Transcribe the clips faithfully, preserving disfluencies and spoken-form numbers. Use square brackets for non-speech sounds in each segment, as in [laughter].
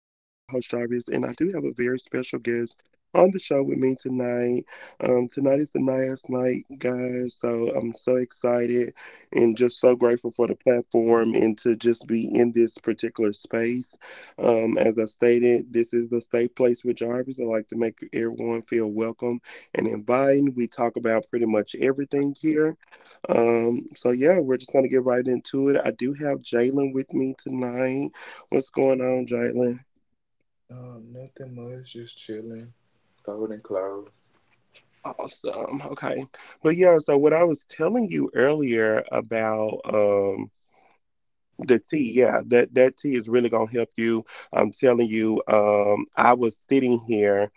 Jarvis, and I do have a very special guest on the show with me tonight. Um, tonight is the nice night, guys, so I'm so excited and just so grateful for the platform and to just be in this particular space. Um, as I stated, this is the Safe Place with Jarvis. I like to make everyone feel welcome and inviting. We talk about pretty much everything here um, so yeah, we're just gonna get right into it. I do have Jalen with me tonight. What's going on, Jalen? Um, nothing much, just chilling, folding clothes. Awesome. Okay. But yeah, so what I was telling you earlier about um the tea, yeah, that that tea is really gonna help you. I'm telling you, um, I was sitting here.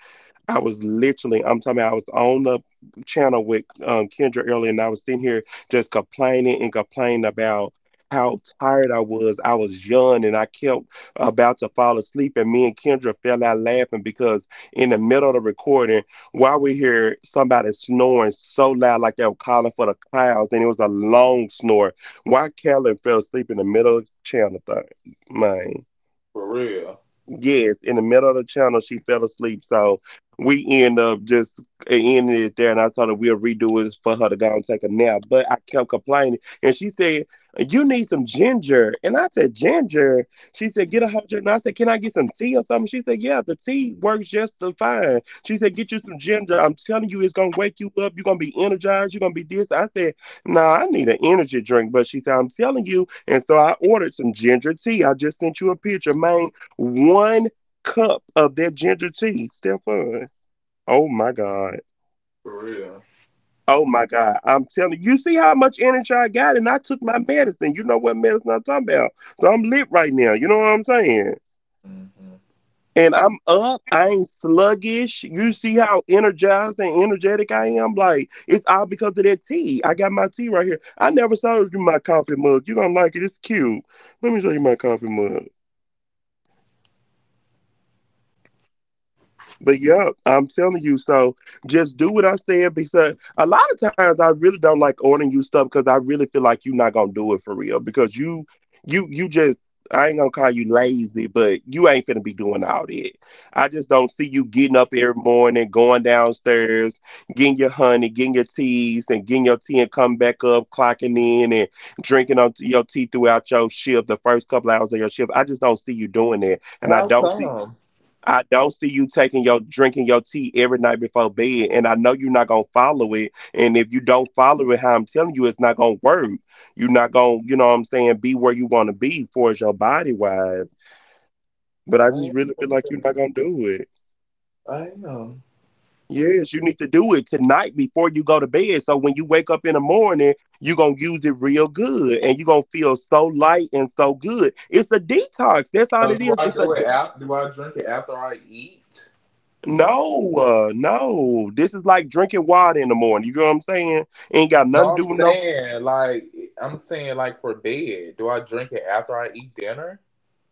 I was literally, I'm talking about I was on the channel with um, Kendra earlier, and I was sitting here just complaining and complaining about how tired I was. I was young and I kept about to fall asleep, and me and Kendra fell out laughing because in the middle of the recording, while we hear somebody snoring so loud like they were calling for the clouds and it was a long snore, why Callan fell asleep in the middle of the channel thing? Man. For real, Yes, in the middle of the channel, she fell asleep. So we end up just uh, ending it there. And I told her we'll redo it for her to go and take a nap. But I kept complaining. And she said, "You need some ginger." And I said, "Ginger?" She said, "Get a whole ginger." And I said, "Can I get some tea or something?" She said, "Yeah, the tea works just the fine." She said, "Get you some ginger. I'm telling you, it's going to wake you up. You're going to be energized. You're going to be this." I said, "Nah, I need an energy drink." But she said, "I'm telling you." And so I ordered some ginger tea. I just sent you a picture, man. One cup of that ginger tea, Stephon. Oh my God. for real. Oh my God. I'm telling you, you see how much energy I got, and I took my medicine. You know what medicine I'm talking about. So I'm lit right now. You know what I'm saying? Hmm. And I'm up. I ain't sluggish. You see how energized and energetic I am? Like, it's all because of that tea. I got my tea right here. I never showed you my coffee mug. You're going to like it. It's cute. Let me show you my coffee mug. But yeah, I'm telling you. So just do what I said because a lot of times I really don't like ordering you stuff because I really feel like you're not gonna do it for real because you, you, you just. I ain't gonna call you lazy, but you ain't finna be doing all that. I just don't see you getting up every morning, going downstairs, getting your honey, getting your teas, and getting your tea and coming back up, clocking in and drinking on your tea throughout your shift, the first couple hours of your shift. I just don't see you doing that. And I How don't see come? I don't see you taking your drinking your tea every night before bed, and I know you're not gonna follow it. And if you don't follow it, how I'm telling you, it's not gonna work. You're not gonna, you know what I'm saying, be where you want to be for as your body wise. But I I just really feel like you're not gonna do it. I am. Yes, you need to do it tonight before you go to bed. So when you wake up in the morning, you're gonna use it real good, and you're gonna feel so light and so good. It's a detox. That's all So it do is. I It's a do it after? Do I drink it after I eat? No, uh, no. This is like drinking water in the morning. You know what I'm saying? Ain't got nothing to No, do I'm with no saying like I'm saying like for bed. Do I drink it after I eat dinner?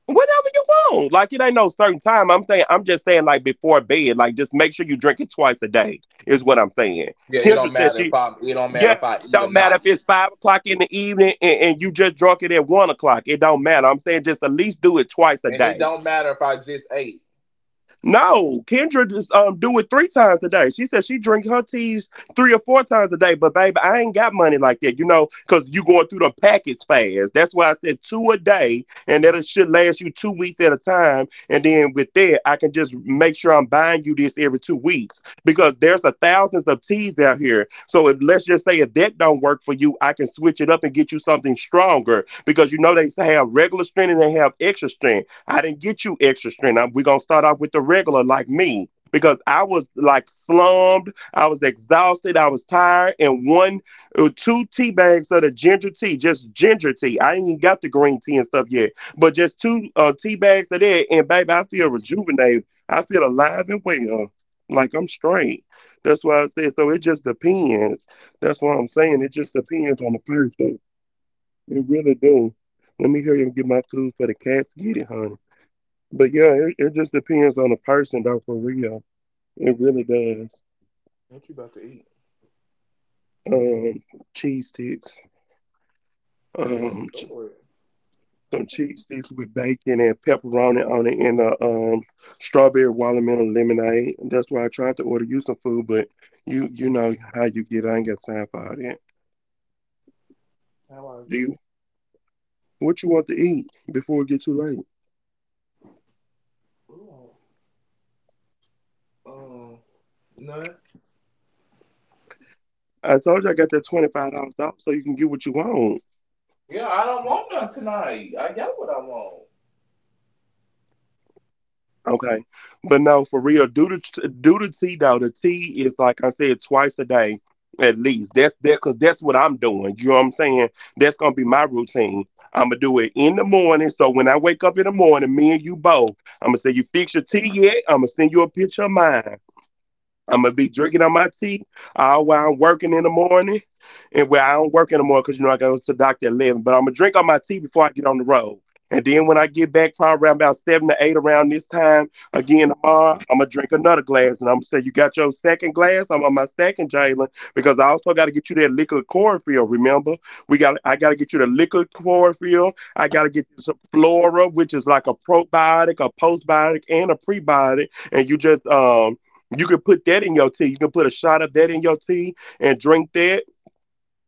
whatever you want. Like it ain't no certain time. I'm saying I'm just saying like before bed. Like just make sure you drink it twice a day is what I'm saying. Yeah, it Kendra don't said matter if she I it don't matter yeah, if I it eat or don't matter if not eat, it's five o'clock in the evening and, and you just drunk it at one o'clock. It don't matter. I'm saying just at least do it twice a and it day. don't matter if I just ate. No, Kendra just um do it three times a day. She said she drink her teas three or four times a day, but baby, I ain't got money like that, you know, because you going through the packets fast. That's why I said two a day, and that it should last you two weeks at a time. And then with that, I can just make sure I'm buying you this every two weeks because there's a thousands of teas out here. So if, let's just say if that don't work for you, I can switch it up and get you something stronger because you know they have regular strength and they have extra strength. I didn't get you extra strength. I- we're gonna start off with the regular, like me, because I was like slumped. I was exhausted. I was tired, and one or two tea bags of the ginger tea, just ginger tea. I ain't even got the green tea and stuff yet, but just two uh, tea bags of that, and baby, I feel rejuvenated. I feel alive and well, like I'm straight. That's why I said. So it just depends. That's what I'm saying. It just depends on the person. It really do. Let me hear you get my food for the cats. Get it, honey. But yeah, it, it just depends on the person though for real. It really does. What you about to eat? Um Cheese sticks. Oh Um ch- Lord, some cheese sticks with bacon and pepperoni on it and a um strawberry watermelon lemonade. That's why I tried to order you some food, but you you know how you get. I ain't got time for all that. how I Do you get? what you want to eat before it get too late? Ooh, um, none. I told you I got that twenty five dollars off so you can get what you want. Yeah, I don't want none tonight. I got what I want. Okay, but no, for real, do the do the tea though. The tea is like I said, twice a day at least. That's that because that's what I'm doing. You know what I'm saying? That's gonna be my routine. I'm gonna do it in the morning. So when I wake up in the morning, me and you both, I'm gonna say you fix your tea yet? I'm gonna send you a picture of mine. I'm gonna be drinking on my tea uh, while I'm working in the morning, and where I don't work anymore because you know I go to the doctor at eleven. But I'm gonna drink on my tea before I get on the road, and then when I get back, probably around about seven to eight around this time again tomorrow, I'm gonna drink another glass, and I'm gonna say you got your second glass. I'm on my second, Jalen, because I also got to get you that liquid chlorophyll. Remember, we got I got to get you the liquid chlorophyll. I got to get you some flora, which is like a probiotic, a postbiotic, and a prebiotic, and you just um you can put that in your tea. You can put a shot of that in your tea and drink that.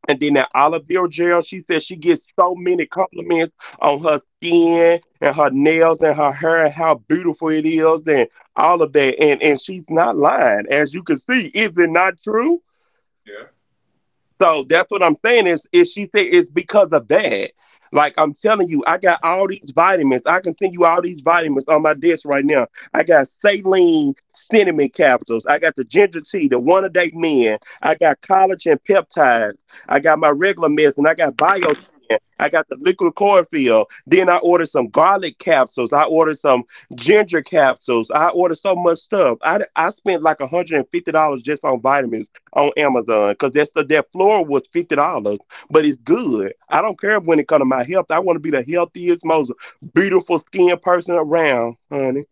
And then that olive oil gel, she says she gets so many compliments on her skin and her nails and her hair and how beautiful it is and all of that. And and she's not lying. As you can see, is it not true? Yeah. So that's what I'm saying is, is she said it's because of that. Like I'm telling you, I got all these vitamins. I can send you all these vitamins on my desk right now. I got saline cinnamon capsules. I got the ginger tea, the one a day men. I got collagen peptides. I got my regular medicine. I got biotin. I got the liquid chlorophyll. Then I ordered some garlic capsules. I ordered some ginger capsules. I ordered so much stuff. I, I spent like one hundred fifty dollars just on vitamins on Amazon because that's the that floor was fifty dollars, but it's good. I don't care when it comes to my health. I want to be the healthiest, most beautiful skinned person around, honey.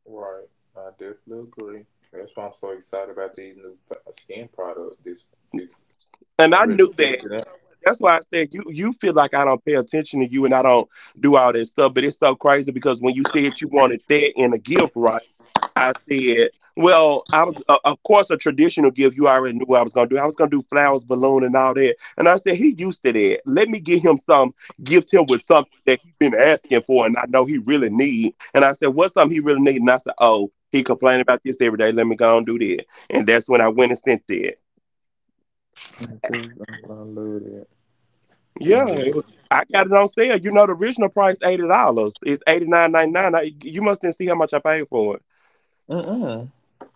Right. I definitely agree. That's why I'm so excited about these new skin products. This, this, I'm And I ready knew to that. test it You out. know what? That's why I said you you feel like I don't pay attention to you and I don't do all that stuff. But it's so crazy because when you said you wanted that in a gift, right? I said, well, I was uh, of course a traditional gift. You already knew I was gonna do. I was gonna do flowers, balloon, and all that. And I said he used to that. Let me get him some. Gift him with something that he's been asking for, and I know he really need. And I said, what's something he really need? And I said, oh, he complaining about this every day. Let me go and do that. And that's when I went and sent that. I love that. I'm Yeah, ready. it was. I got it on sale. You know, the original price eighty dollars. It's eighty nine ninety nine. I, you must didn't see how much I paid for it. Mm-mm.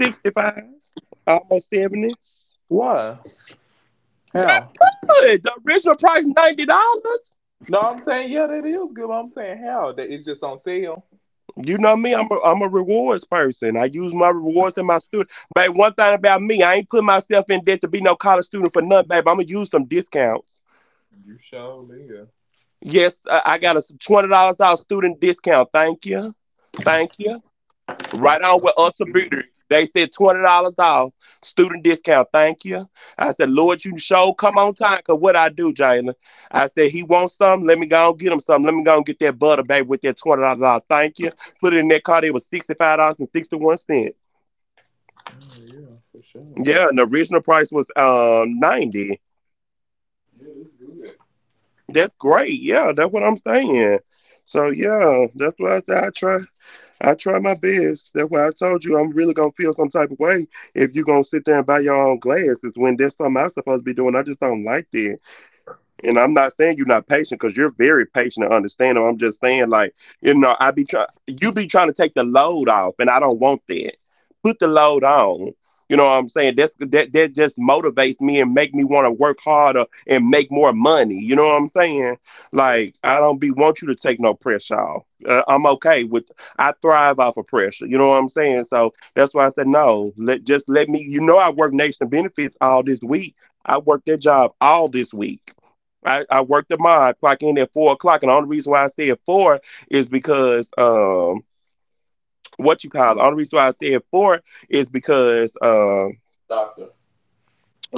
sixty-five, almost seventy. Why? How? Good. The original price ninety dollars. No, I'm saying yeah, that is good. But I'm saying how that it's just on sale. You know me. I'm a I'm a rewards person. I use my rewards in my student. But one thing about me, I ain't put myself in debt to be no college student for nothing, babe. I'm gonna use some discounts. You sure, yeah. Yes, I, I got a twenty dollars off student discount. Thank you. Thank you. Right on with Oh, us a beauty. They said twenty dollars off student discount. Thank you. I said, Lord, you show come on time. Cause what I do, Jalen? I said he wants some. Let me go and get him some. Let me go and get that butter, baby, with that twenty dollars off. Thank you. Put it in that card. It was sixty five dollars and sixty one cents. yeah, for sure. Yeah, and the original price was um ninety. Yeah, it's good. That's great. Yeah, that's what I'm saying. So yeah, that's what I said. I try. I try my best. That's why I told you I'm really gonna feel some type of way if you gonna sit there and buy your own glasses when that's something I'm supposed to be doing. I just don't like that. And I'm not saying you're not patient because you're very patient and understanding. I'm just saying, like, you know, I be trying, you be trying to take the load off, and I don't want that. Put the load on. You know what I'm saying? That's that that just motivates me and make me want to work harder and make more money. You know what I'm saying? Like, I don't be want you to take no pressure off. Uh, I'm okay with. I thrive off of pressure. You know what I'm saying? So that's why I said no. Let just let me. You know, I work nation benefits all this week. I worked that job all this week. I, I worked at mine, clock in at four o'clock, and the only reason why I said four is because um what you call it. The only reason why I said four is because um Doctor.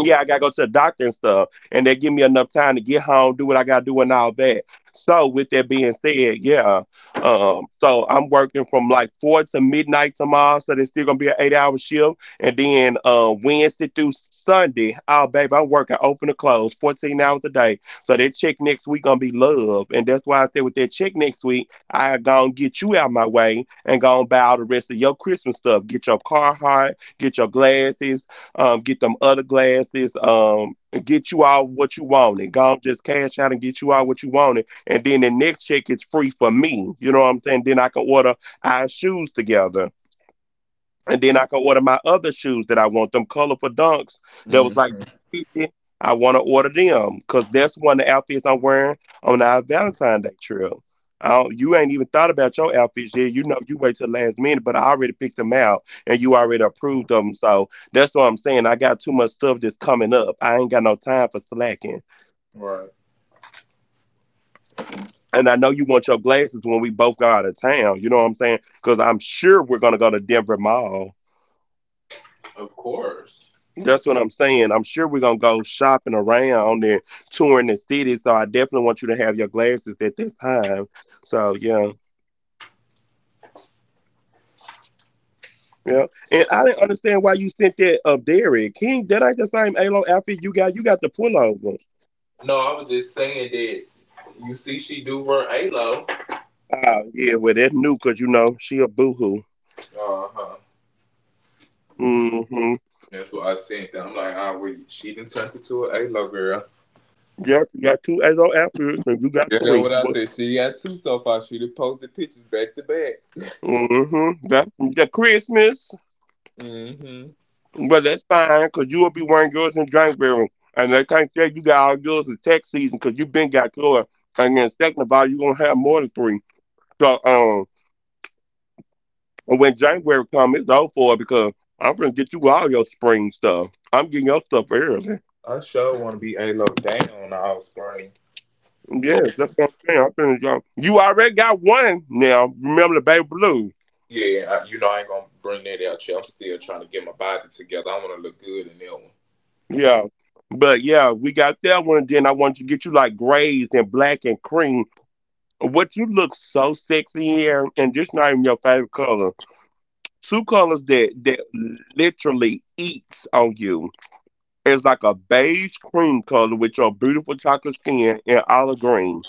yeah, I gotta go to the doctor and stuff, and they give me enough time to get home, do what I gotta do, and all that. So, with that being said, yeah, um, so I'm working from like four to midnight tomorrow, so there's still gonna be an eight-hour shift, and then uh, Wednesday through Sunday, oh baby, I'm working open to close, fourteen hours a day. So that check next week gonna be love, and that's why I said with that check next week, I gonna get you out my way and gonna buy all the rest of your Christmas stuff, get your Carhartt, get your glasses, um, get them other glasses, um, and get you all what you wanted. Go just cash out and get you all what you wanted. And then the next check is free for me. You know what I'm saying? Then I can order our shoes together. And then I can order my other shoes that I want, them colorful dunks that was like Mm-hmm. two fifty. I want to order them because that's one of the outfits I'm wearing on our Valentine's Day trip. I don't, You ain't even thought about your outfits yet. You know, you wait till the last minute, but I already picked them out and you already approved them. So that's what I'm saying. I got too much stuff that's coming up. I ain't got no time for slacking. Right. And I know you want your glasses when we both go out of town. You know what I'm saying? Because I'm sure we're going to go to Denver Mall. Of course. That's what I'm saying. I'm sure we're gonna go shopping around and touring the city. So I definitely want you to have your glasses at that time. So yeah, yeah. And I didn't understand why you sent that up Derek King. That ain't the same Alo outfit you got. You got the pullover. No, I was just saying that you see she do run A-Lo. Oh yeah, well that's new, cause you know she a boohoo. Uh-huh. Mm-hmm. That's what I sent them. I'm like, ah, oh, well, she done turned into an A-Lo girl. Yep, you got two Alo outfits and you got You know three. what I What? said? She got two so far. She done posted pictures back to back. Mm-hmm. That the Christmas. Mm-hmm. But that's fine, because you will be wearing yours in January. And they can't say you got all yours in tax season, because you been got yours. And then second of all, you're going to have more than three. So um, and when January comes, it's all for it because I'm going to get you all your spring stuff. I'm getting your stuff early. I sure want to be A-Lo down all spring. Yes, that's what I'm saying. I'm finna go. You already got one now. Remember the baby blue. Yeah, I, you know I ain't gonna bring that out yet. I'm still trying to get my body together. I want to look good in that Yeah. But yeah, we got that one. Then I want you to get you like grays and black and cream. What you look so sexy here, and just not even your favorite color. Two colors that that literally eats on you. It's like a beige cream color with your beautiful chocolate skin and olive green.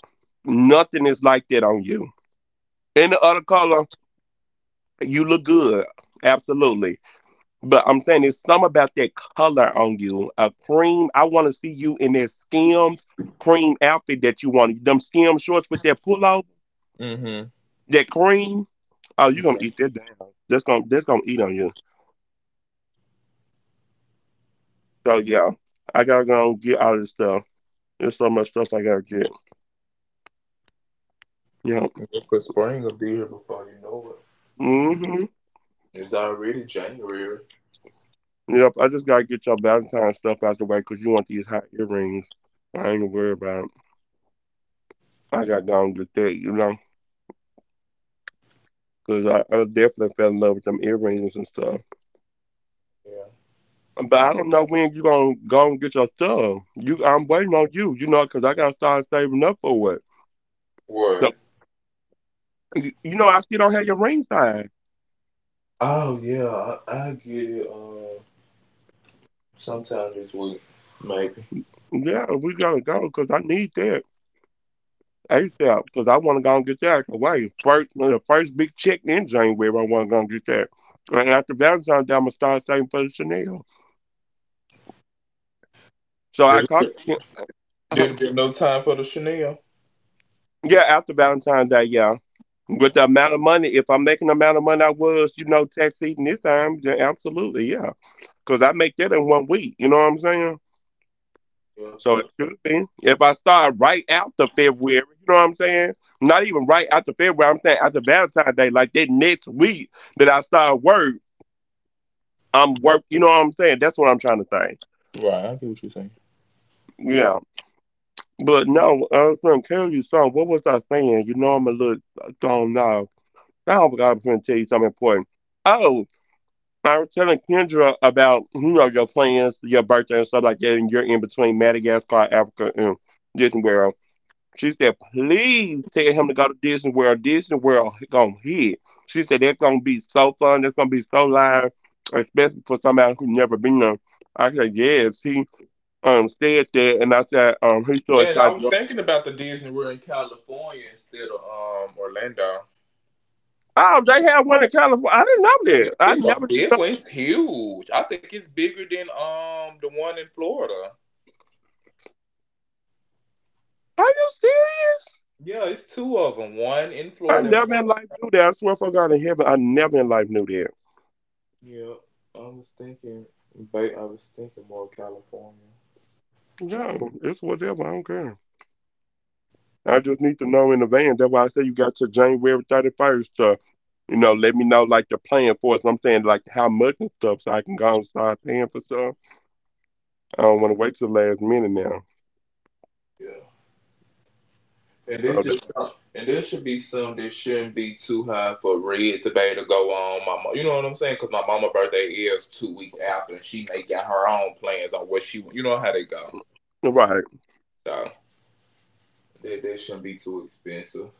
Nothing is like that on you. Any other color, you look good, absolutely. But I'm saying it's something about that color on you. A cream. I want to see you in that skims cream outfit that you want. Them skims shorts with that pullover. one. Mm-hmm. That cream, oh, you gonna Yeah. eat that down. That's gonna that's gonna eat on you. So yeah, I gotta go get all this stuff. There's so much stuff I gotta get. Yep. Because spring will be here before you know Hmm. it. It's already January. Yep. I just gotta get your Valentine's stuff out the way because you want these hot earrings. I ain't worried about it. I gotta go and get that, you know, 'cause I, I definitely fell in love with them earrings and stuff. Yeah. But I don't know when you gonna go and get your stuff. You, I'm waiting on you, you know, because I gotta start saving up for it. So, What? you you know, I still don't have your ring size. Oh yeah, I, I get it. Um, sometime this week, maybe. Yeah, we gotta go because I need that ASAP because I want to go and get that away. First, the first big check in January, I want to go and get that. And after Valentine's Day, I'm gonna start saving for the Chanel. So I There, caught, uh, there'll be no time for the Chanel. yeah, after Valentine's Day, yeah. With the amount of money, if I'm making the amount of money I was, you know, tax eating this time, then absolutely, yeah. Because I make that in one week. You know what I'm saying? Yeah, So it probably. should be. If I start right after February, you know what I'm saying? Not even right after February, I'm saying after Valentine's Day, like that next week that I start work, I'm work. You know what I'm saying? That's what I'm trying to say. Right, I get what you're saying. Yeah. But no, I was gonna tell you something. What was I saying? You know I'm a little I don't know. Now I forgot I was gonna tell you something important. Oh, I was telling Kendra about you know your plans, your birthday and stuff like that, and you're in between Madagascar, Africa, and Disney World. She said, please tell him to go to Disney World. Disney World gonna hit. She said that's gonna be so fun. That's gonna be so live, especially for somebody who never been there. I said, yes. He um said that, and I said, um, he's so Yeah, and I excited to was go. thinking about the Disney World in California instead of um Orlando. Oh, they have one in California. I didn't know Yeah, that. I it's a never big one. knew. It's huge. I think it's bigger than um the one in Florida. Are you serious? Yeah, it's two of them. One in I Florida and never one. in life knew that. I swear for God in heaven, I never in life knew that. Yeah, I was thinking. ba- I was thinking more California. No, it's whatever. I don't care. I just need to know in advance. That's why I say you got to January thirty first to, you know, let me know like the plan for it. So I'm saying like how much and stuff, so I can go and start paying for stuff. I don't want to wait till the last minute now. Yeah. And there's So that, just some, and there should be some that shouldn't be too high for red to be able to go on. My, mo- you know what I'm saying? Because my mama's birthday is two weeks after, and she may got her own plans on what she want. You know how they go. right So that that shouldn't be too expensive.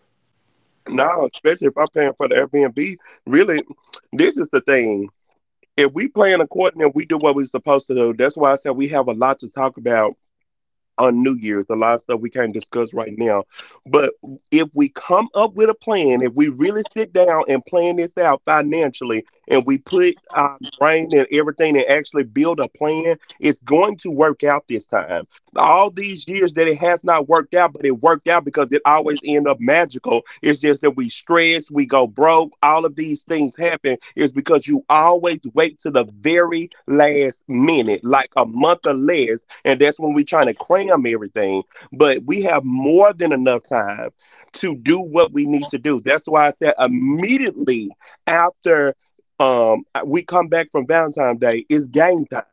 now, especially if I'm paying for the Airbnb, really, this is the thing. If we plan according and we do what we're supposed to do, that's why I said we have a lot to talk about on New Year's. A lot of stuff we can't discuss right now. But if we come up with a plan, if we really sit down and plan this out financially and we put our brain and everything and actually build a plan, it's going to work out this time. All these years that it has not worked out, but it worked out because it always end up magical. It's just that we stress, we go broke, all of these things happen is because you always wait to the very last minute, like a month or less and that's when we're trying to cram everything. But we have more than enough time to do what we need to do. That's why I said immediately after um, we come back from Valentine's Day, it's game time.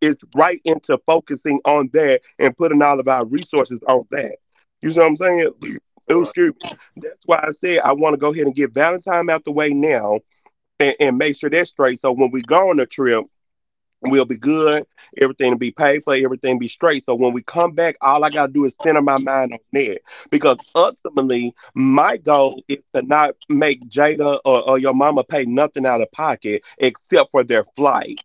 It's right into focusing on that and putting all of our resources on that. You see what I'm saying? [clears throat] Oh, Right. excuse me. That's why I said I want to go ahead and get Valentine out the way now and, and make sure that's straight. So when we go on the trip, we'll be good. Everything will be paid for. Everything be straight. So when we come back, all I gotta do is center my mind on that. Because ultimately, my goal is to not make Jada or, or your mama pay nothing out of pocket except for their flight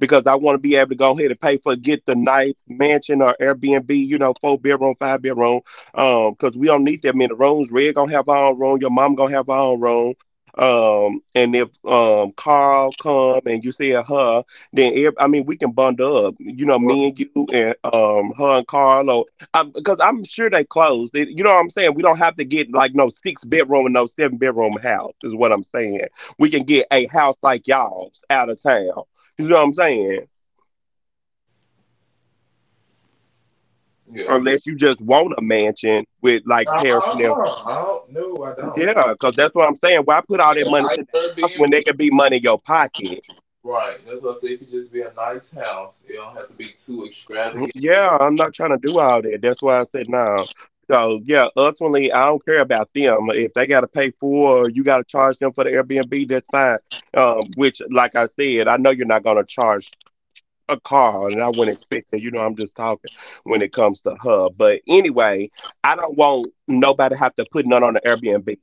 because I want to be able to go ahead and pay for get the nice mansion or Airbnb, you know, four bedroom, five bedroom. Um, because we don't need that many rooms. Red gonna have her own room. Your mom gonna have her own room. Um, and if um Carl come and you see her, then ev- I mean we can bundle up. You know, Right. me and you and um her and Carl. Or um, because I'm sure they closed. It, you know what I'm saying? We don't have to get like no six bedroom and no seven bedroom house. Is what I'm saying. We can get a house like y'all's out of town, you know what I'm saying? Yeah. Unless you just want a mansion with like Uh, uh, Paris Chanel. uh, I don't. No, I don't. Yeah, because that's what I'm saying. Why put It all be that a money to the house nice when there Airbnb. could be money in your pocket? Right. That's what I say. It could just be a nice house. It don't have to be too extravagant. Yeah, I'm not trying to do all that. That's why I said no. So yeah, ultimately I don't care about them. If they gotta pay for or you gotta charge them for the Airbnb, that's fine. Um, which like I said, I know you're not gonna charge a car, and I wouldn't expect that. You know, I'm just talking when it comes to her. But anyway, I don't want nobody have to put none on the Airbnb.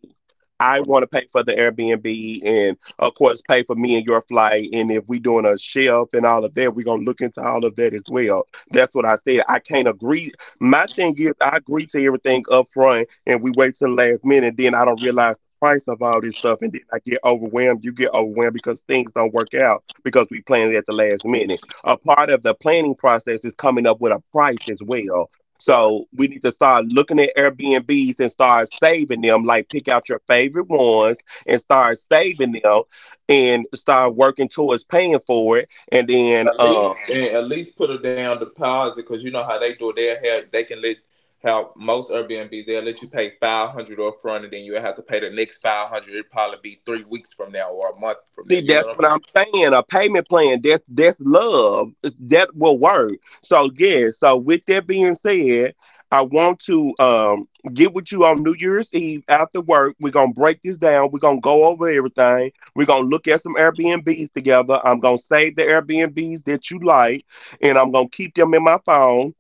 I want to pay for the Airbnb and, of course, pay for me and your flight. And if we doing a shelf and all of that, we're going to look into all of that as well. That's what I said. I can't agree. My thing is, I agree to everything up front and we wait till the last minute. And then I don't realize the price of all this stuff. And then I get overwhelmed. You get overwhelmed because things don't work out because we planned it at the last minute. A part of the planning process is coming up with a price as well. Right. So we need to start looking at Airbnbs and start saving them. Like pick out your favorite ones and start saving them, and start working towards paying for it. And then At least, um and at least put a down deposit because you know how they do it. They have they can let How most Airbnbs they'll let you pay five hundred up front, and then you will have to pay the next five hundred. It'll probably be three weeks from now or a month from now. see, You know that's what what I'm I'm saying. A payment plan, that's that's love. It's- That will work. So yeah, so with that being said, I want to um get with you on New Year's Eve after work. We're gonna break this down. We're gonna go over everything. We're gonna look at some Airbnbs together. I'm gonna save the Airbnbs that you like and I'm gonna keep them in my phone,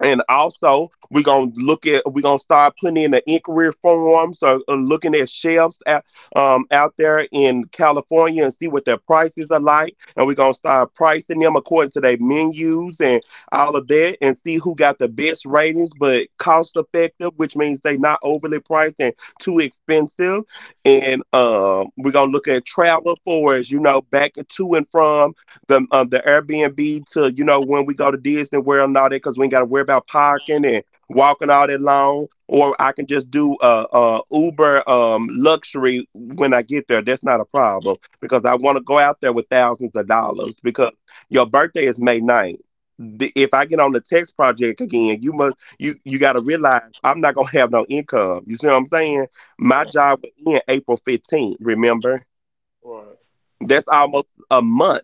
and also, we're gonna look at we're gonna start putting in the inquiry forms or, or looking at shelves out um out there in California and see what their prices are like. And we're gonna start pricing them according to their menus and all of that and see who got the best ratings but cost effective, which means they not overly priced and too expensive. And um we're gonna look at travel for us, you know, back to and from the uh, the Airbnb to you know when we go to Disney World and all that because we ain't got to worry about parking and walking all that long. Or I can just do uh, uh Uber um luxury when I get there. That's not a problem because I want to go out there with thousands of dollars because your birthday is May ninth. The, if I get on the text project again, you must you you got to realize I'm not gonna have no income. You see what I'm saying? My saying? job will end April fifteenth. Remember, Right. that's almost a month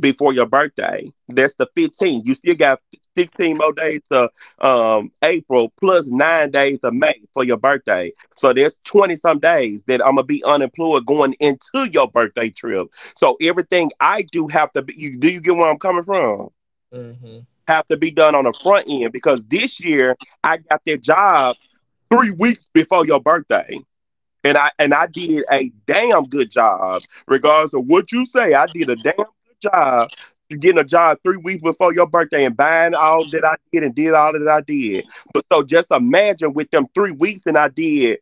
before your birthday. That's the fifteenth. You still got sixteen more days to um, April plus nine days of May for your birthday. So there's twenty some days that I'm gonna be unemployed going into your birthday trip. So everything I do have to be. You, do you get where I'm coming from? Mm-hmm. Have to be done on the front end because this year I got that job three weeks before your birthday and I and I did a damn good job, regardless of what you say. I did a damn good job getting a job three weeks before your birthday and buying all that I did and did all that I did. But so just imagine with them three weeks and I did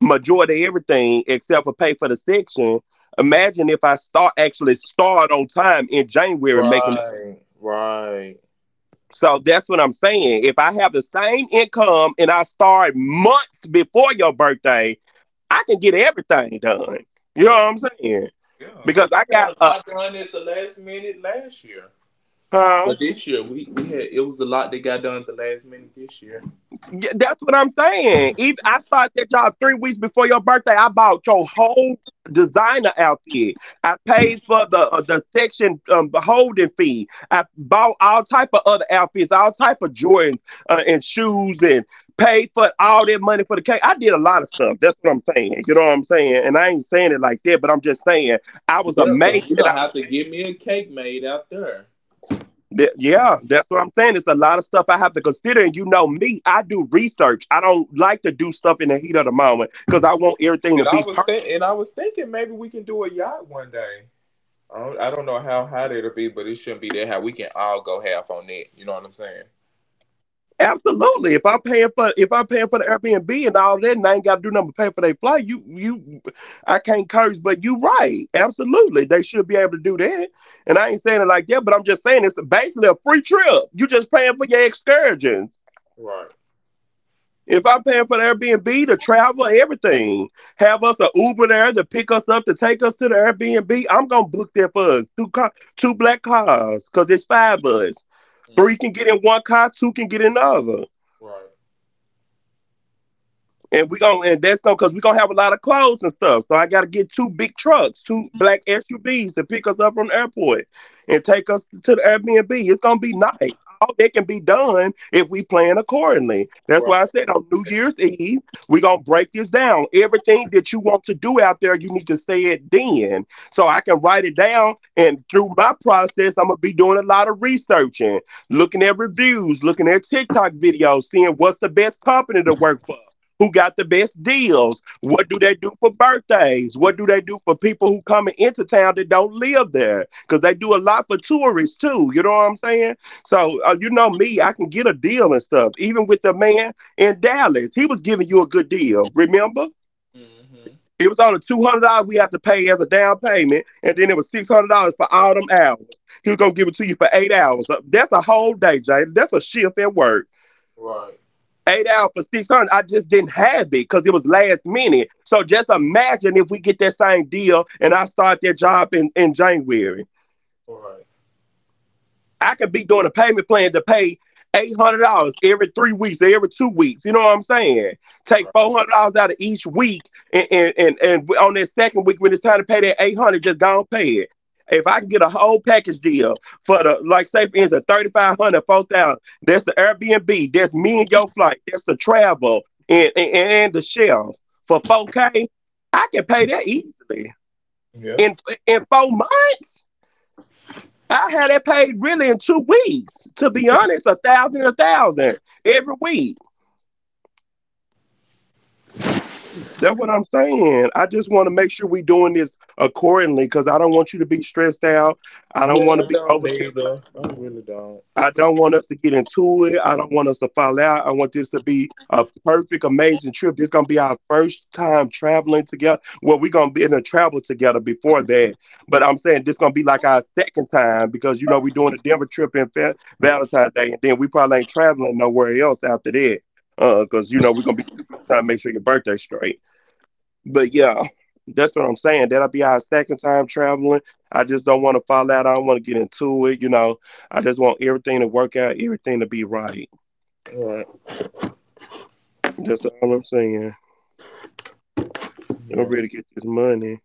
majority of everything except for pay for the section. Imagine if I start actually start on time in January making it. Right. Right. So that's what I'm saying. If I have the same income and I start months before your birthday, I can get everything done. You know Yeah. what I'm saying? Yeah. Because Because I we got got, a uh, lot done I at the last minute last year. got, huh? But this year we, we had it was a lot that got done at the last minute this year. Yeah, that's what I'm saying. Even I started that job three weeks before your birthday. I bought your whole designer outfit. I paid for the uh, the section um, the holding fee. I bought all type of other outfits, all type of Jordans, uh, and shoes, and paid for all that money for the cake. I did a lot of stuff. That's what I'm saying. You know what I'm saying? And I ain't saying it like that, but I'm just saying I was Yeah, amazed because you that I don't was. have to get me a cake made out there. Th- yeah, that's what I'm saying. It's a lot of stuff I have to consider. And you know me, I do research. I don't like to do stuff in the heat of the moment because I want everything And to I be was think, perfect and for I you. was thinking maybe we can do a yacht one day. I don't, I don't know how hot it'll be, but it shouldn't be that high. We can all go half on it. You know what I'm saying? Absolutely. If I'm paying for if I'm paying for the Airbnb and all that, and I ain't got to do nothing but pay for their flight, you you, I can't curse, but you right. Absolutely, they should be able to do that. And I ain't saying it like that, but I'm just saying it's basically a free trip. You just paying for your excursions. Right. If I'm paying for the Airbnb to travel, everything, have us a Uber there to pick us up to take us to the Airbnb, I'm gonna book that for us two car, two black cars, cause it's five of us. Three Mm. can get in one car, two can get in the other. Right. And we gonna and that's no because we gonna have a lot of clothes and stuff. So I gotta get two big trucks, two black S U Vs to pick us up from the airport and take us to the Airbnb. It's gonna be nice. All that can be done if we plan accordingly. That's Right. why I said on New Year's Eve, we gonna break this down. Everything that you want to do out there, you need to say it then. So I can write it down and through my process, I'm gonna be doing a lot of researching, looking at reviews, looking at TikTok videos, seeing what's the best company to work for, who got the best deals. What do they do for birthdays? What do they do for people who coming into town that don't live there? Because they do a lot for tourists too. You know what I'm saying? So uh, you know me, I can get a deal and stuff. Even with the man in Dallas, he was giving you a good deal. Remember? Hmm. It was only two hundred dollars we have to pay as a down payment, and then it was six hundred dollars for all them hours. He was gonna give it to you for eight hours. Uh, That's a whole day, Jay. That's a shift at work. Right. Eight out for six hundred. I just didn't have it because it was last minute. So just imagine if we get that same deal and I start that job in, in January. Right. I could be doing a payment plan to pay eight hundred dollars every three weeks, every two weeks. You know what I'm saying? Take Right. four hundred dollars out of each week, and and and, and on that second week when it's time to pay that eight hundred, just go and pay it. If I can get a whole package deal for the, like, say, for instance, thirty five hundred, four thousand, that's the Airbnb, that's me and your flight, that's the travel and and, and the shelf for four K, I can pay that easily Yeah. in in four months. I had it paid really in two weeks. To be honest, a thousand, a thousand every week. That's what I'm saying. I just want to make sure we are doing this accordingly because I don't want you to be stressed out. I don't Yeah, want to I be don't overstimulated. neither. I really don't. I don't want us to get into it. I don't want us to fall out. I want this to be a perfect, amazing trip. This gonna be our first time traveling together. Well, we're gonna be in a travel together before that. But I'm saying this gonna be like our second time because you know we're doing a Denver trip in Fa- Valentine's Day, and then we probably ain't traveling nowhere else after that. Uh, cause you know we're gonna be too busy trying to make sure your birthday's straight. But yeah, that's what I'm saying. That'll be our second time traveling. I just don't want to fall out. I don't want to get into it. You know, I just want everything to work out, everything to be right. Right. That's all I'm saying. I'm Yeah. ready to get this money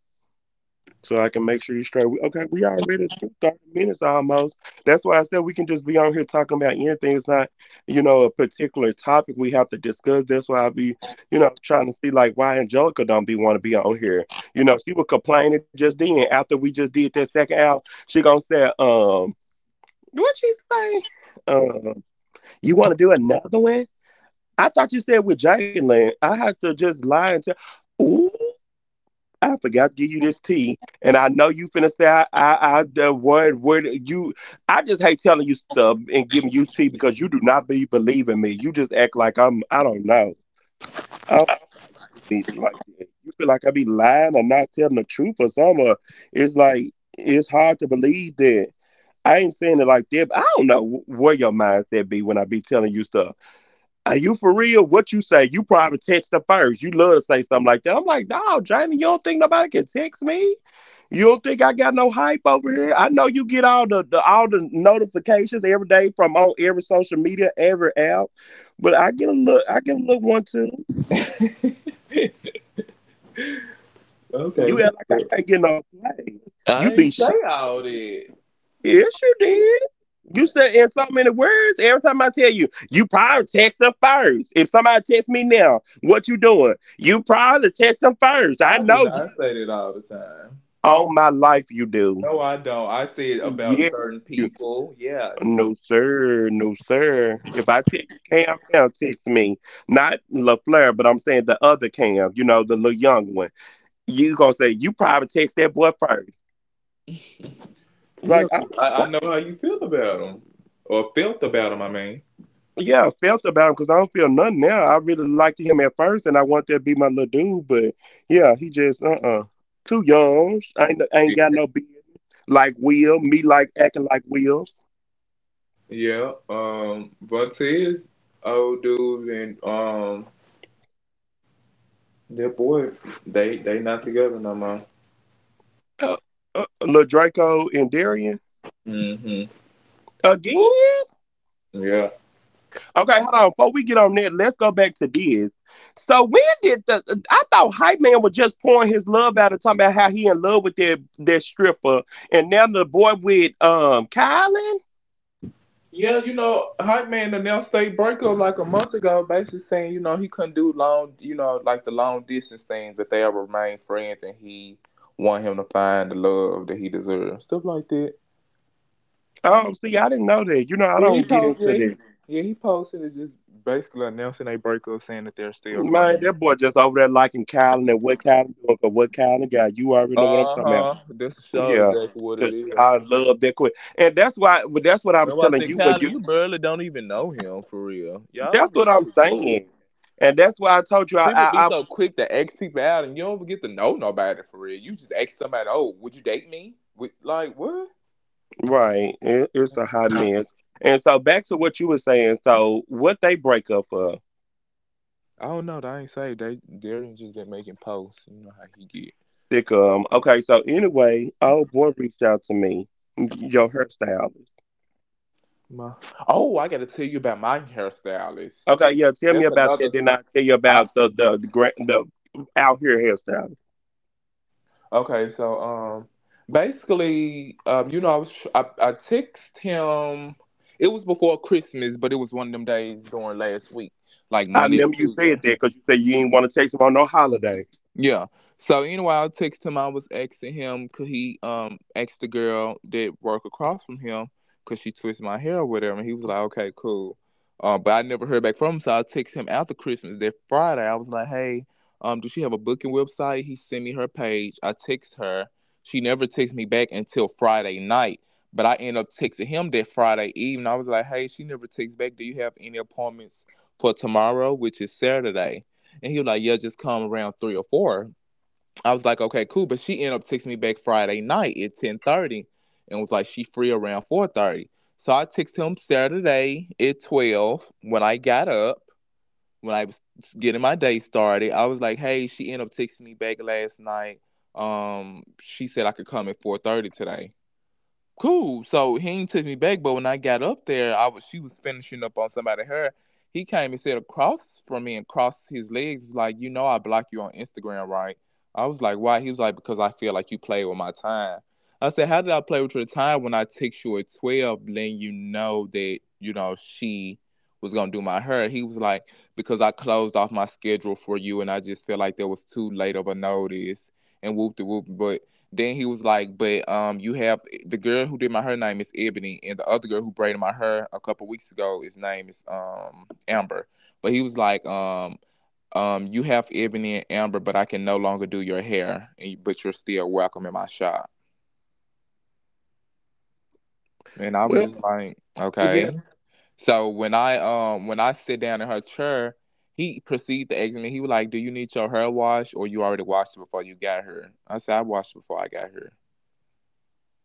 so I can make sure you straight. Okay, we already took thirty minutes almost. That's why I said we can just be on here talking about anything. It's not, you know, a particular topic we have to discuss. That's why I be, you know, trying to see like why Angelica don't be want to be on here. You know, she was complaining just then after we just did that second hour. She gonna say, um, what she say? Um, you want to do another one? I thought you said with Jalen. I have to just lie and tell. Ooh. I forgot to give you this tea, and I know you finna say I, I, I the word word you. I just hate telling you stuff and giving you tea because you do not be believing me. You just act like I'm. I don't know. I don't know if you do me like that. You feel like I be lying or not telling the truth or something. Or it's like it's hard to believe that. I ain't saying it like that. But I don't know wh- where your mindset be when I be telling you stuff. Are you for real? What you say? You probably text her first. You love to say something like that. I'm like, no, Jamie, you don't think nobody can text me? You don't think I got no hype over here? I know you get all the, the all the notifications every day from on every social media, every app, but I get a look, I get a look one too. Okay, You we act like good. I can't get no play. You I be ain't say shocked when I all said that. yes, you did. You said in so many words. Every time I tell you, you probably text them first. If somebody text me now, what you doing? You probably text them first. I I do know you. not say that all the time. All my life, you do. No, I don't. I say it about Yes, certain you. people. Yes. No, sir. No, sir. If I tell you Cam now, text me. Not LaFleur, but I'm saying the other Cam, you know, the little young one. You gonna say, you probably text that boy first. Yeah, Like, I don't 'cause I, I know. know how you feel about him, or felt about him. I mean, Yeah, I felt about him because I don't feel nothing now. I really liked him at first, and I want that to be my little dude, but yeah, he just uh uh too young. I ain't, I ain't got no business like Will. Me like acting like Will. yeah. Um, Vontaze, old dude, and um, that boy, they they not together no more. Uh, uh, Lil Draco and Darian Hmm. again. Yeah. Okay, hold on. Before we get on that, let's go back to this. So when did the? Uh, I thought Hype Man was just pouring his love out and talking about how he in love with that that stripper, and now the boy with um Kylan. Yeah, you know, Hype Man announced they breakup like a month ago, basically saying, you know, he couldn't do long, you know, like the long distance things, but they'll remain friends and he want him to find the love that he deserves. Stuff like that. Oh, see, I didn't know that. You know, I Yeah, he don't get posted. into Yeah, that. he, yeah, he posted it just basically announcing they breakup, saying that they're still Man, friends. that boy just over there liking Kylan and what Kylan doing for what Kylan guy. You already know what I'm Uh talking about. huh. That's show Yeah, exactly what it because is. I love that quick. And that's why, but that's what I That's was why I telling said, you when Colin, you, you barely don't even know him for real. Y'all that's don't even what I'm know each other. saying. And that's why I told you I, People be I, I so quick to ask people out, and you don't even get to know nobody for real. You just ask somebody, "Oh, would you date me?" With like what? right, it, it's a hot mess. And so back to what you were saying. So what they break up for, I don't know. I ain't say they. Darian just been making posts. You know how he get. sick. um. Okay, so anyway, old boy reached out to me, your hairstylist. My oh, I got to tell you about my hairstylist. Okay, yeah, tell me That's about that. another. Then I'll tell you I. about the the the, gra- the out here hairstyle. Okay, so um, basically, um, you know, I was tr- I, I text him. It was before Christmas, but it was one of them days during last week, like I Monday or remember you said Tuesday. that because you said you didn't want to take them on no holiday. Yeah. So anyway, I text him. I was asking him could he um ask the girl that work across from him, because she twisted my hair or whatever. And he was like, okay, cool. Uh, but I never heard back from him. So I text him after Christmas that Friday. I was like, hey, um, does she have a booking website? He sent me her page. I text her. She never texted me back until Friday night. But I end up texting him that Friday evening. I was like, hey, she never texts back. Do you have any appointments for tomorrow, which is Saturday? And he was like, yeah, just come around three or four. I was like, okay, cool. But she ended up texting me back Friday night at ten thirty, and was like, she free around four thirty. So I texted him Saturday at twelve when I got up, when I was getting my day started. I was like, hey, she ended up texting me back last night. Um, she said I could come at four thirty today. Cool. So he ain't text me back, but when I got up there, I was she was finishing up on somebody. Her he came and said across from me and crossed his legs, was like, you know, I block you on Instagram, right? I was like, why? He was like, because I feel like you play with my time. I said, how did I play with your time when I text you at twelve, letting you know that you know she was gonna do my hair? He was like, because I closed off my schedule for you, and I just feel like there was too late of a notice and whoop the whoop, but. Then he was like, "But um, you have, the girl who did my hair name is Ebony, and the other girl who braided my hair a couple weeks ago, his name is um Amber." But he was like, "Um, um, you have Ebony and Amber, but I can no longer do your hair, and but you're still welcome in my shop." And I was Well, just like, yeah. "Okay." So when I um when I sit down in her chair, he proceeded to ask me. He was like, "Do you need your hair washed, or you already washed it before you got here?" I said, "I washed it before I got here."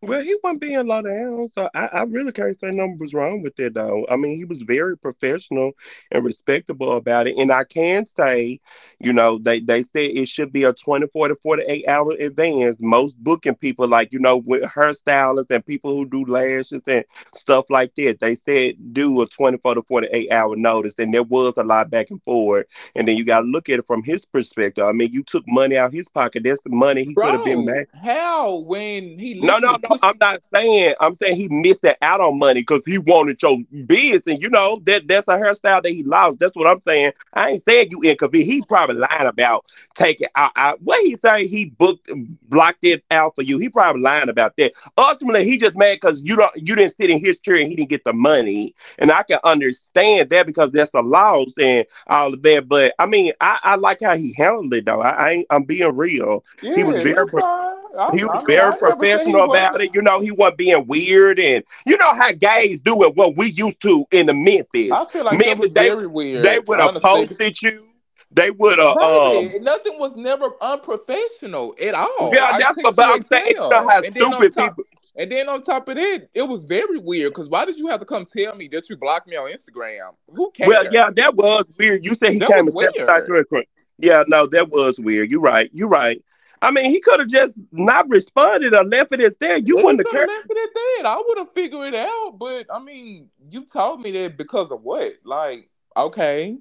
Well, he wasn't being low down, so I, I really can't say nothing was wrong with it, though. I mean, he was very professional and respectable about it. And I can say, you know, they, they said it should be a twenty-four to forty-eight hour advance. Most booking people, like, you know, with hairstylists and people who do lashes and stuff like that, they said do a twenty-four to forty-eight hour notice. And there was a lot back and forth. And then you got to look at it from his perspective. I mean, you took money out his pocket. That's the money he could have been made. Bro, how when he No, no, literally no. pushed? I'm not saying. I'm saying he missed out on money because he wanted your biz, and you know that that's a hairstyle that he lost. That's what I'm saying. I ain't saying you inconvenient. He probably lied about taking. I, I, what he say? He booked, blocked it out for you. He probably lying about that. Ultimately, he just mad because you don't. You didn't sit in his chair and he didn't get the money. And I can understand that because that's a loss and all of that. But I mean, I, I like how he handled it though. I, I ain't, I'm being real. He was Yeah, very that's fine. I, he was I mean, very I never said he professional about wasn't. it. You know, he wasn't being weird and you know how gays do it what we used to in the Memphis. I feel like that Memphis, was they very they weird, would have honestly. posted you. They would have, um Baby, nothing was never unprofessional at all. yeah, I that's what, text but you I'm at saying, you know twelve, how and then on stupid top, people, and then on top of it, it was very weird. Cause why did you have to come tell me that you blocked me on Instagram? Who well, yeah, cares? that was weird. You said he That came was and sabotaged weird. your crime. Yeah, no, that was weird. You're right. You're right. I mean, he could have just not responded or left it as there. You He wouldn't have could have cared. left it at that. I would have figured it out, but I mean, you told me that because of what? Like, okay.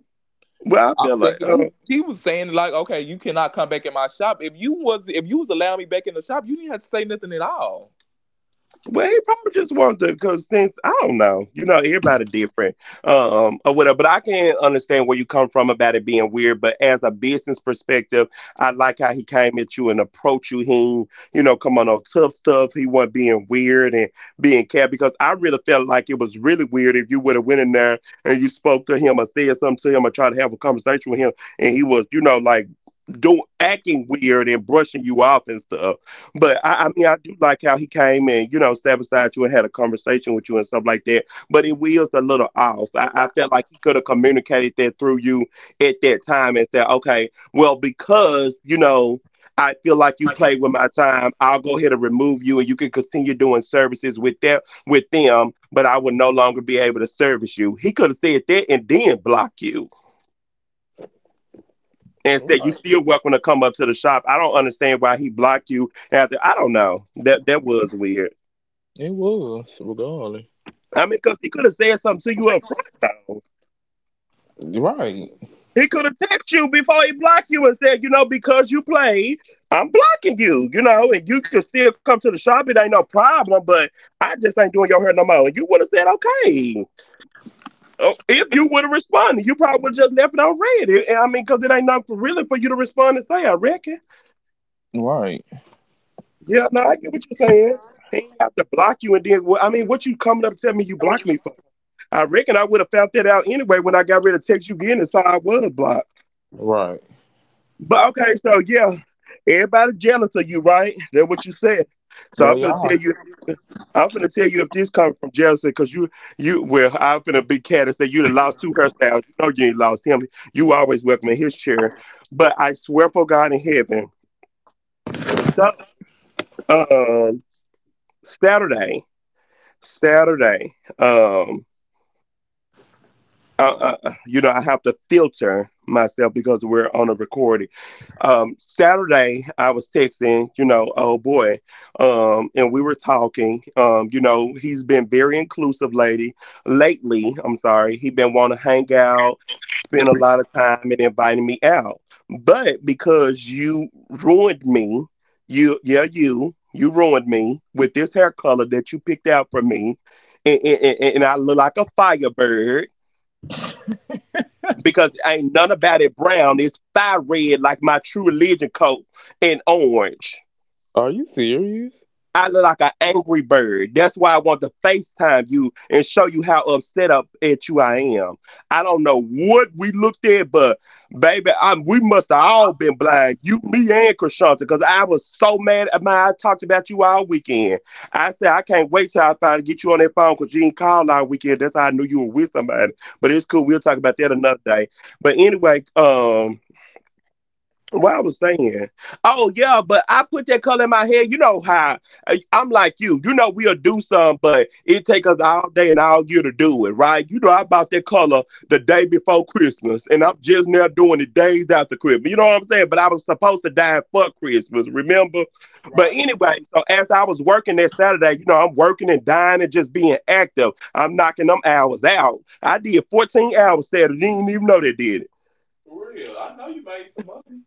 Well, I I'm feel like thinking he uh, he was saying like, okay, you cannot come back in my shop. If you was if you was allowing me back in the shop, you didn't have to say nothing at all. Well, he probably just wants to, because since I don't know, you know, everybody different, um, or whatever. But I can understand where you come from about it being weird. But as a business perspective, I like how he came at you and approached you. He, you know, come on, no tough stuff. He wasn't being weird and being cat because I really felt like it was really weird if you would have went in there and you spoke to him or said something to him or tried to have a conversation with him, and he was, you know, like doing acting weird and brushing you off and stuff. But I, I mean, I do like how he came and you know sat beside you and had a conversation with you and stuff like that. But it was a little off. I, I felt Okay. like he could have communicated that through you at that time and said, okay, well, because you know. I feel like you played with my time. I'll go ahead and remove you, and you can continue doing services with that with them. But I will no longer be able to service you. He could have said that and then block you and said you Right. still welcome to come up to the shop. I don't understand why he blocked you after I don't know. That that was weird. It was, regardless. I mean, because he could have said something to you up front though. Right. He could have texted you before he blocked you and said, you know, because you played, I'm blocking you, you know, and you can still come to the shop. It ain't no problem, but I just ain't doing your hair no more. And you would have said, okay. Oh, if you would have responded, you probably would have just left it on red. It- I mean, because it ain't nothing for really for you to respond and say, I reckon. Right. Yeah, no, I get what you're saying. They ain't have to block you and then well, I mean, what you coming up telling me you blocked me for? I reckon I would have found that out anyway when I got ready to text you again and saw I was blocked. Right. But okay, so yeah, everybody jealous of you, right? That's what you said. So There I'm you gonna tell are. you. If this, I'm gonna tell you if this comes from jealousy, cause you, you, well, I'm gonna be cat and say you done lost two hairstyles. You know you ain't lost him. You always welcome in his chair. But I swear for God in heaven. So um, Saturday. Saturday, um, I, I, you know, I have to filter myself because we're on a recording. Um, Saturday, I was texting, you know, oh boy, um, and we were talking. Um, you know, he's been very inclusive, lady. Lately, I'm sorry, he been want to hang out spent a lot of time and inviting me out. But because you ruined me, you yeah, you you ruined me with this hair color that you picked out for me, and, and, and and I look like a firebird because ain't none about it brown. It's fire red like my True Religion coat and orange. Are you serious? I look like an angry bird. That's why I want to FaceTime you and show you how upset up at you I am. I don't know what we looked at, but baby, I, we must have all been blind. You, me, and Krishanta, because I was so mad at my I talked about you all weekend. I said I can't wait till I finally get you on that phone because you didn't call all weekend. That's how I knew you were with somebody. But it's cool. We'll talk about that another day. But anyway, um what I was saying. Oh yeah, but I put that color in my head. You know how uh, I'm like you. You know we'll do some, but it take us all day and all year to do it, right? You know I bought that color the day before Christmas, and I'm just now doing it days after Christmas. You know what I'm saying? But I was supposed to die for Christmas, remember? But Right. anyway, so as I was working that Saturday, you know I'm working and dying and just being active. I'm knocking them hours out. I did fourteen hours Saturday. Didn't even know they did it. For real. I know you made some money.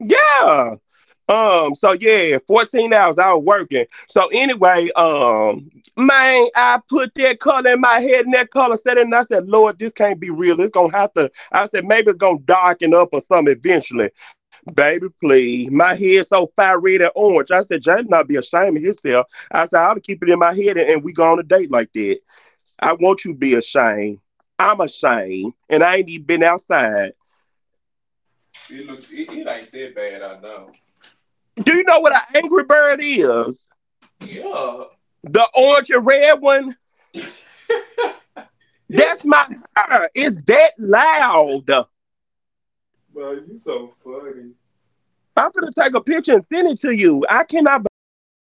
Yeah. Um, so yeah, fourteen hours I was working. So anyway, um, man, I put that color in my head and that color set it, and I said, Lord, this can't be real. It's gonna have to I said, maybe it's gonna darken up or something eventually. Baby, please. My head so fire red and orange. I said, James not be ashamed of himself. I said, I'll keep it in my head and, and we go on a date like that. I want you to be ashamed. I'm ashamed, and I ain't even been outside. It look it, it ain't that bad, I know. Do you know what an angry bird is? Yeah, The orange and red one? That's my hair. It's that loud. I'm bro, you so funny. gonna take a picture and send it to you. I cannot believe